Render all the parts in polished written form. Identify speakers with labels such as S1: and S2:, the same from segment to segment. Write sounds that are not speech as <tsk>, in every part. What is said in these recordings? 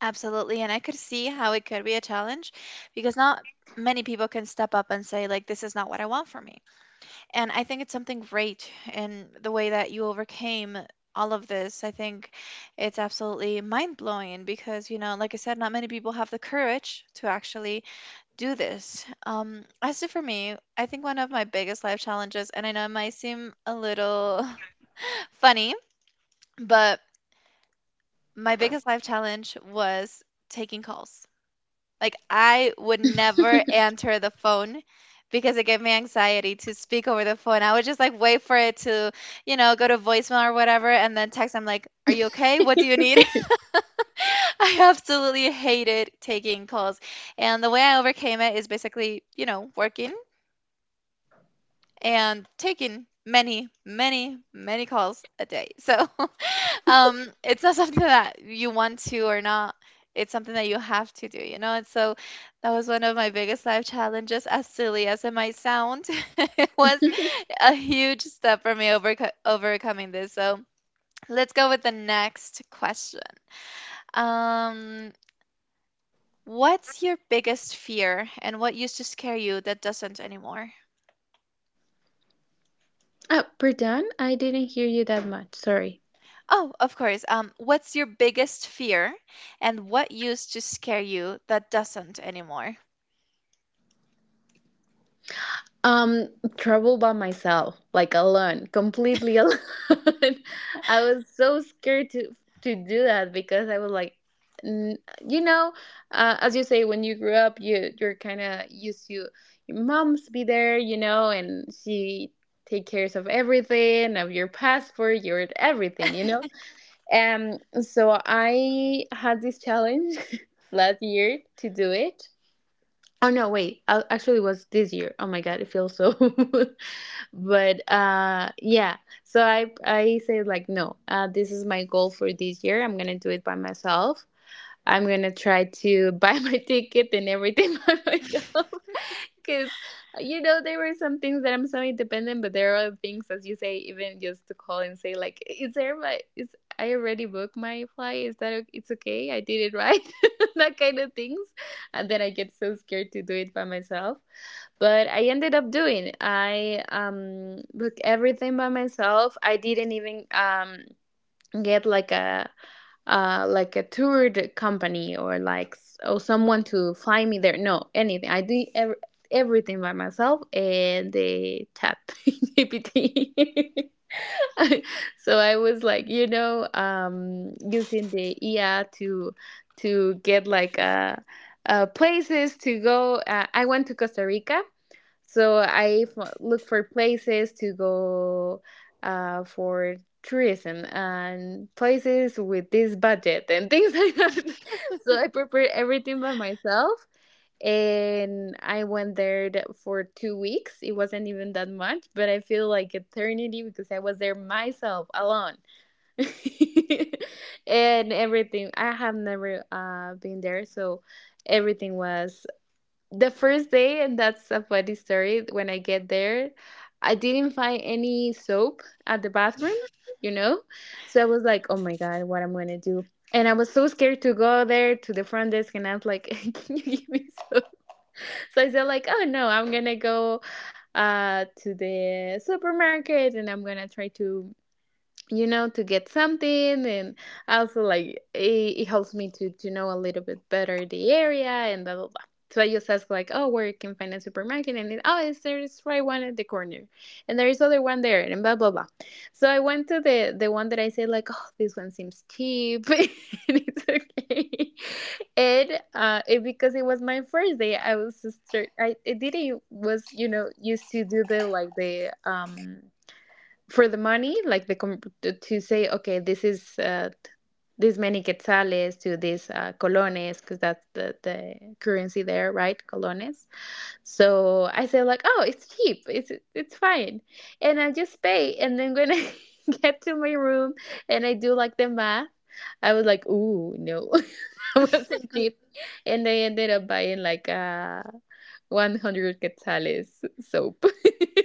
S1: Absolutely, and I could see how it could be a challenge because not many people can step up and say like this is not what I want for me. And I think it's something great in the way that you overcame all of this. I think it's absolutely mind-blowing because, you know, like I said, not many people have the courage to actually do this. As to for me, I think one of my biggest life challenges, and I know it might seem a little <laughs> funny, but my biggest life challenge was taking calls. Like I would never answer the phone because it gave me anxiety to speak over the phone. I would just like wait for it to, go to voicemail or whatever and then text I'm like, "Are you okay? What do you need?" <laughs> I absolutely hated taking calls. And the way I overcame it is basically, working and taking many, many, many calls a day. So <laughs> it's not <laughs> something that you want to or not, it's something that you have to do, and so that was one of my biggest life challenges, as silly as it might sound. <laughs> It was a huge step for me overcoming this. So let's go with the next question. Um what's your biggest fear, and what used to scare you that doesn't anymore? Oh, of course. Um, what's your biggest fear and what used to scare you that doesn't anymore?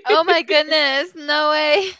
S1: Oh my goodness, no way.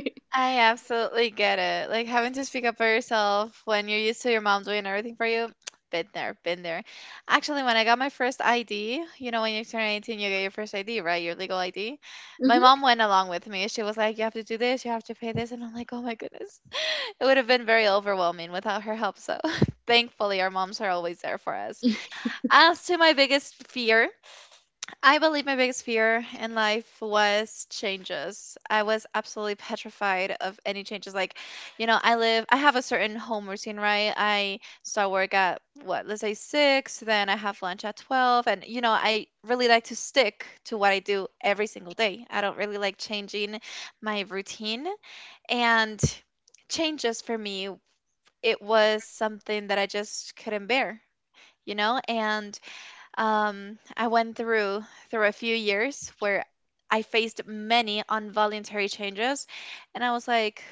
S1: <laughs> I absolutely get it. Like having to speak up for yourself when you're used to your mom doing everything for you. <tsk> Been there, been there. Actually, when I got my first ID, when you turn 18, you get your first ID, right? Your legal ID. My mom went along with me. She was like, "You have to do this, you have to pay this." And I'm like, "Oh my goodness." <laughs> It would have been very overwhelming without her help. So <laughs> thankfully, our moms are always there for us. As to my biggest fear, I believe my biggest fear in life was changes. I was absolutely petrified of any changes. Like, I have a certain home routine, right? I start work at what, let's say, 6, then I have lunch at 12. And, I really like to stick to what I do every single day. I don't really like changing my routine. And changes for me, it was something that I just couldn't bear, you know? And I went through a few years where I faced many involuntary changes, and I was like,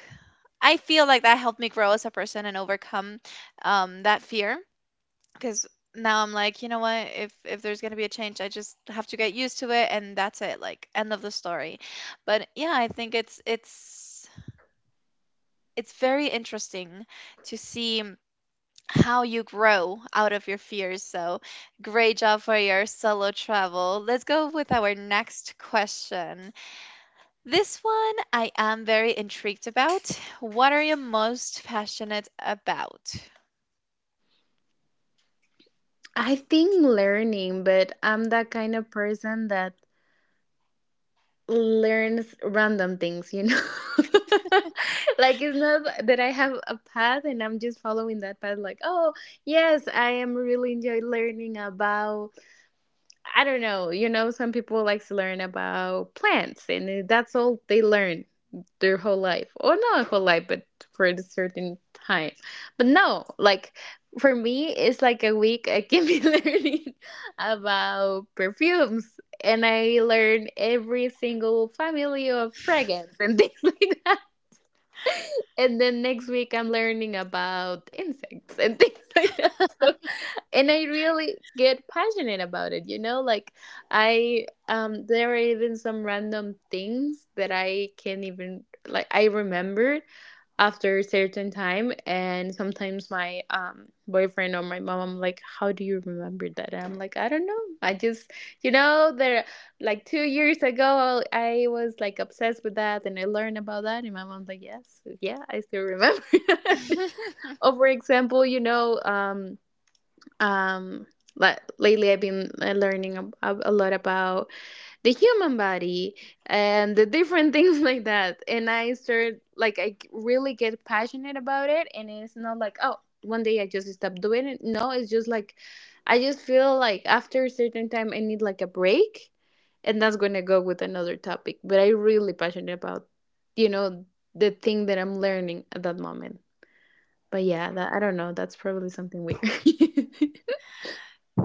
S1: I feel like that helped me grow as a person and overcome that fear, because now I'm like, you know what? If there's gonna be a change, I just have to get used to it, and that's it. Like end of the story. But yeah, I think it's very interesting to see how you grow out of your fears. So, great job for your solo travel. Let's go with our next question. This one I am very intrigued about. What are you most passionate about? <laughs>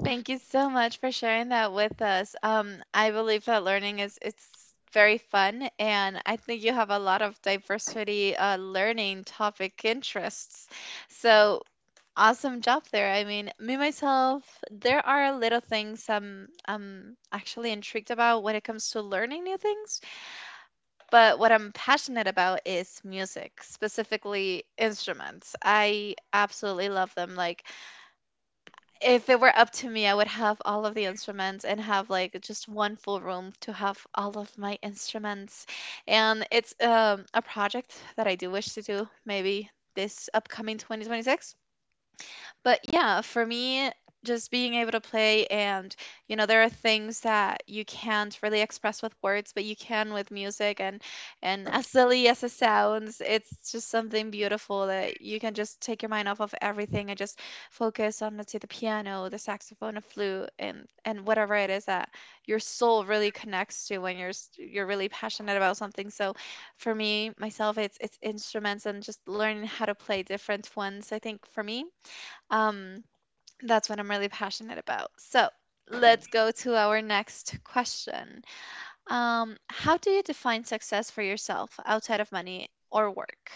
S1: Thank you so much for sharing that with us. I believe that learning is it's very fun, and I think you have a lot of diversity, learning topic interests. So awesome job there. I mean, me myself, there are little things I'm actually intrigued about when it comes to learning new things. But what I'm passionate about is music, specifically instruments. I absolutely love them. Like if it were up to me, I would have all of the instruments and have like just one full room to have all of my instruments. And it's a project that I do wish to do maybe this upcoming 2026. But yeah, for me, just being able to play and, there are things that you can't really express with words, but you can with music. And as silly as it sounds, it's just something beautiful that you can just take your mind off of everything and just focus on, let's say, the piano, the saxophone, a flute, and whatever it is that your soul really connects to when you're really passionate about something. So for me myself, it's instruments and just learning how to play different ones. I think for me, um, that's what I'm really passionate about. So let's go to our next question. How do you define success for yourself outside of money or work?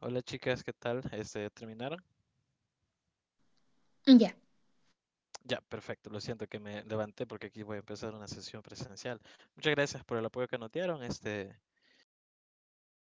S2: Hola chicas, ¿qué tal? ¿Ya terminaron? Ya, perfecto. Lo siento que me levanté porque aquí voy a empezar una sesión presencial. Muchas gracias por el apoyo que nos dieron.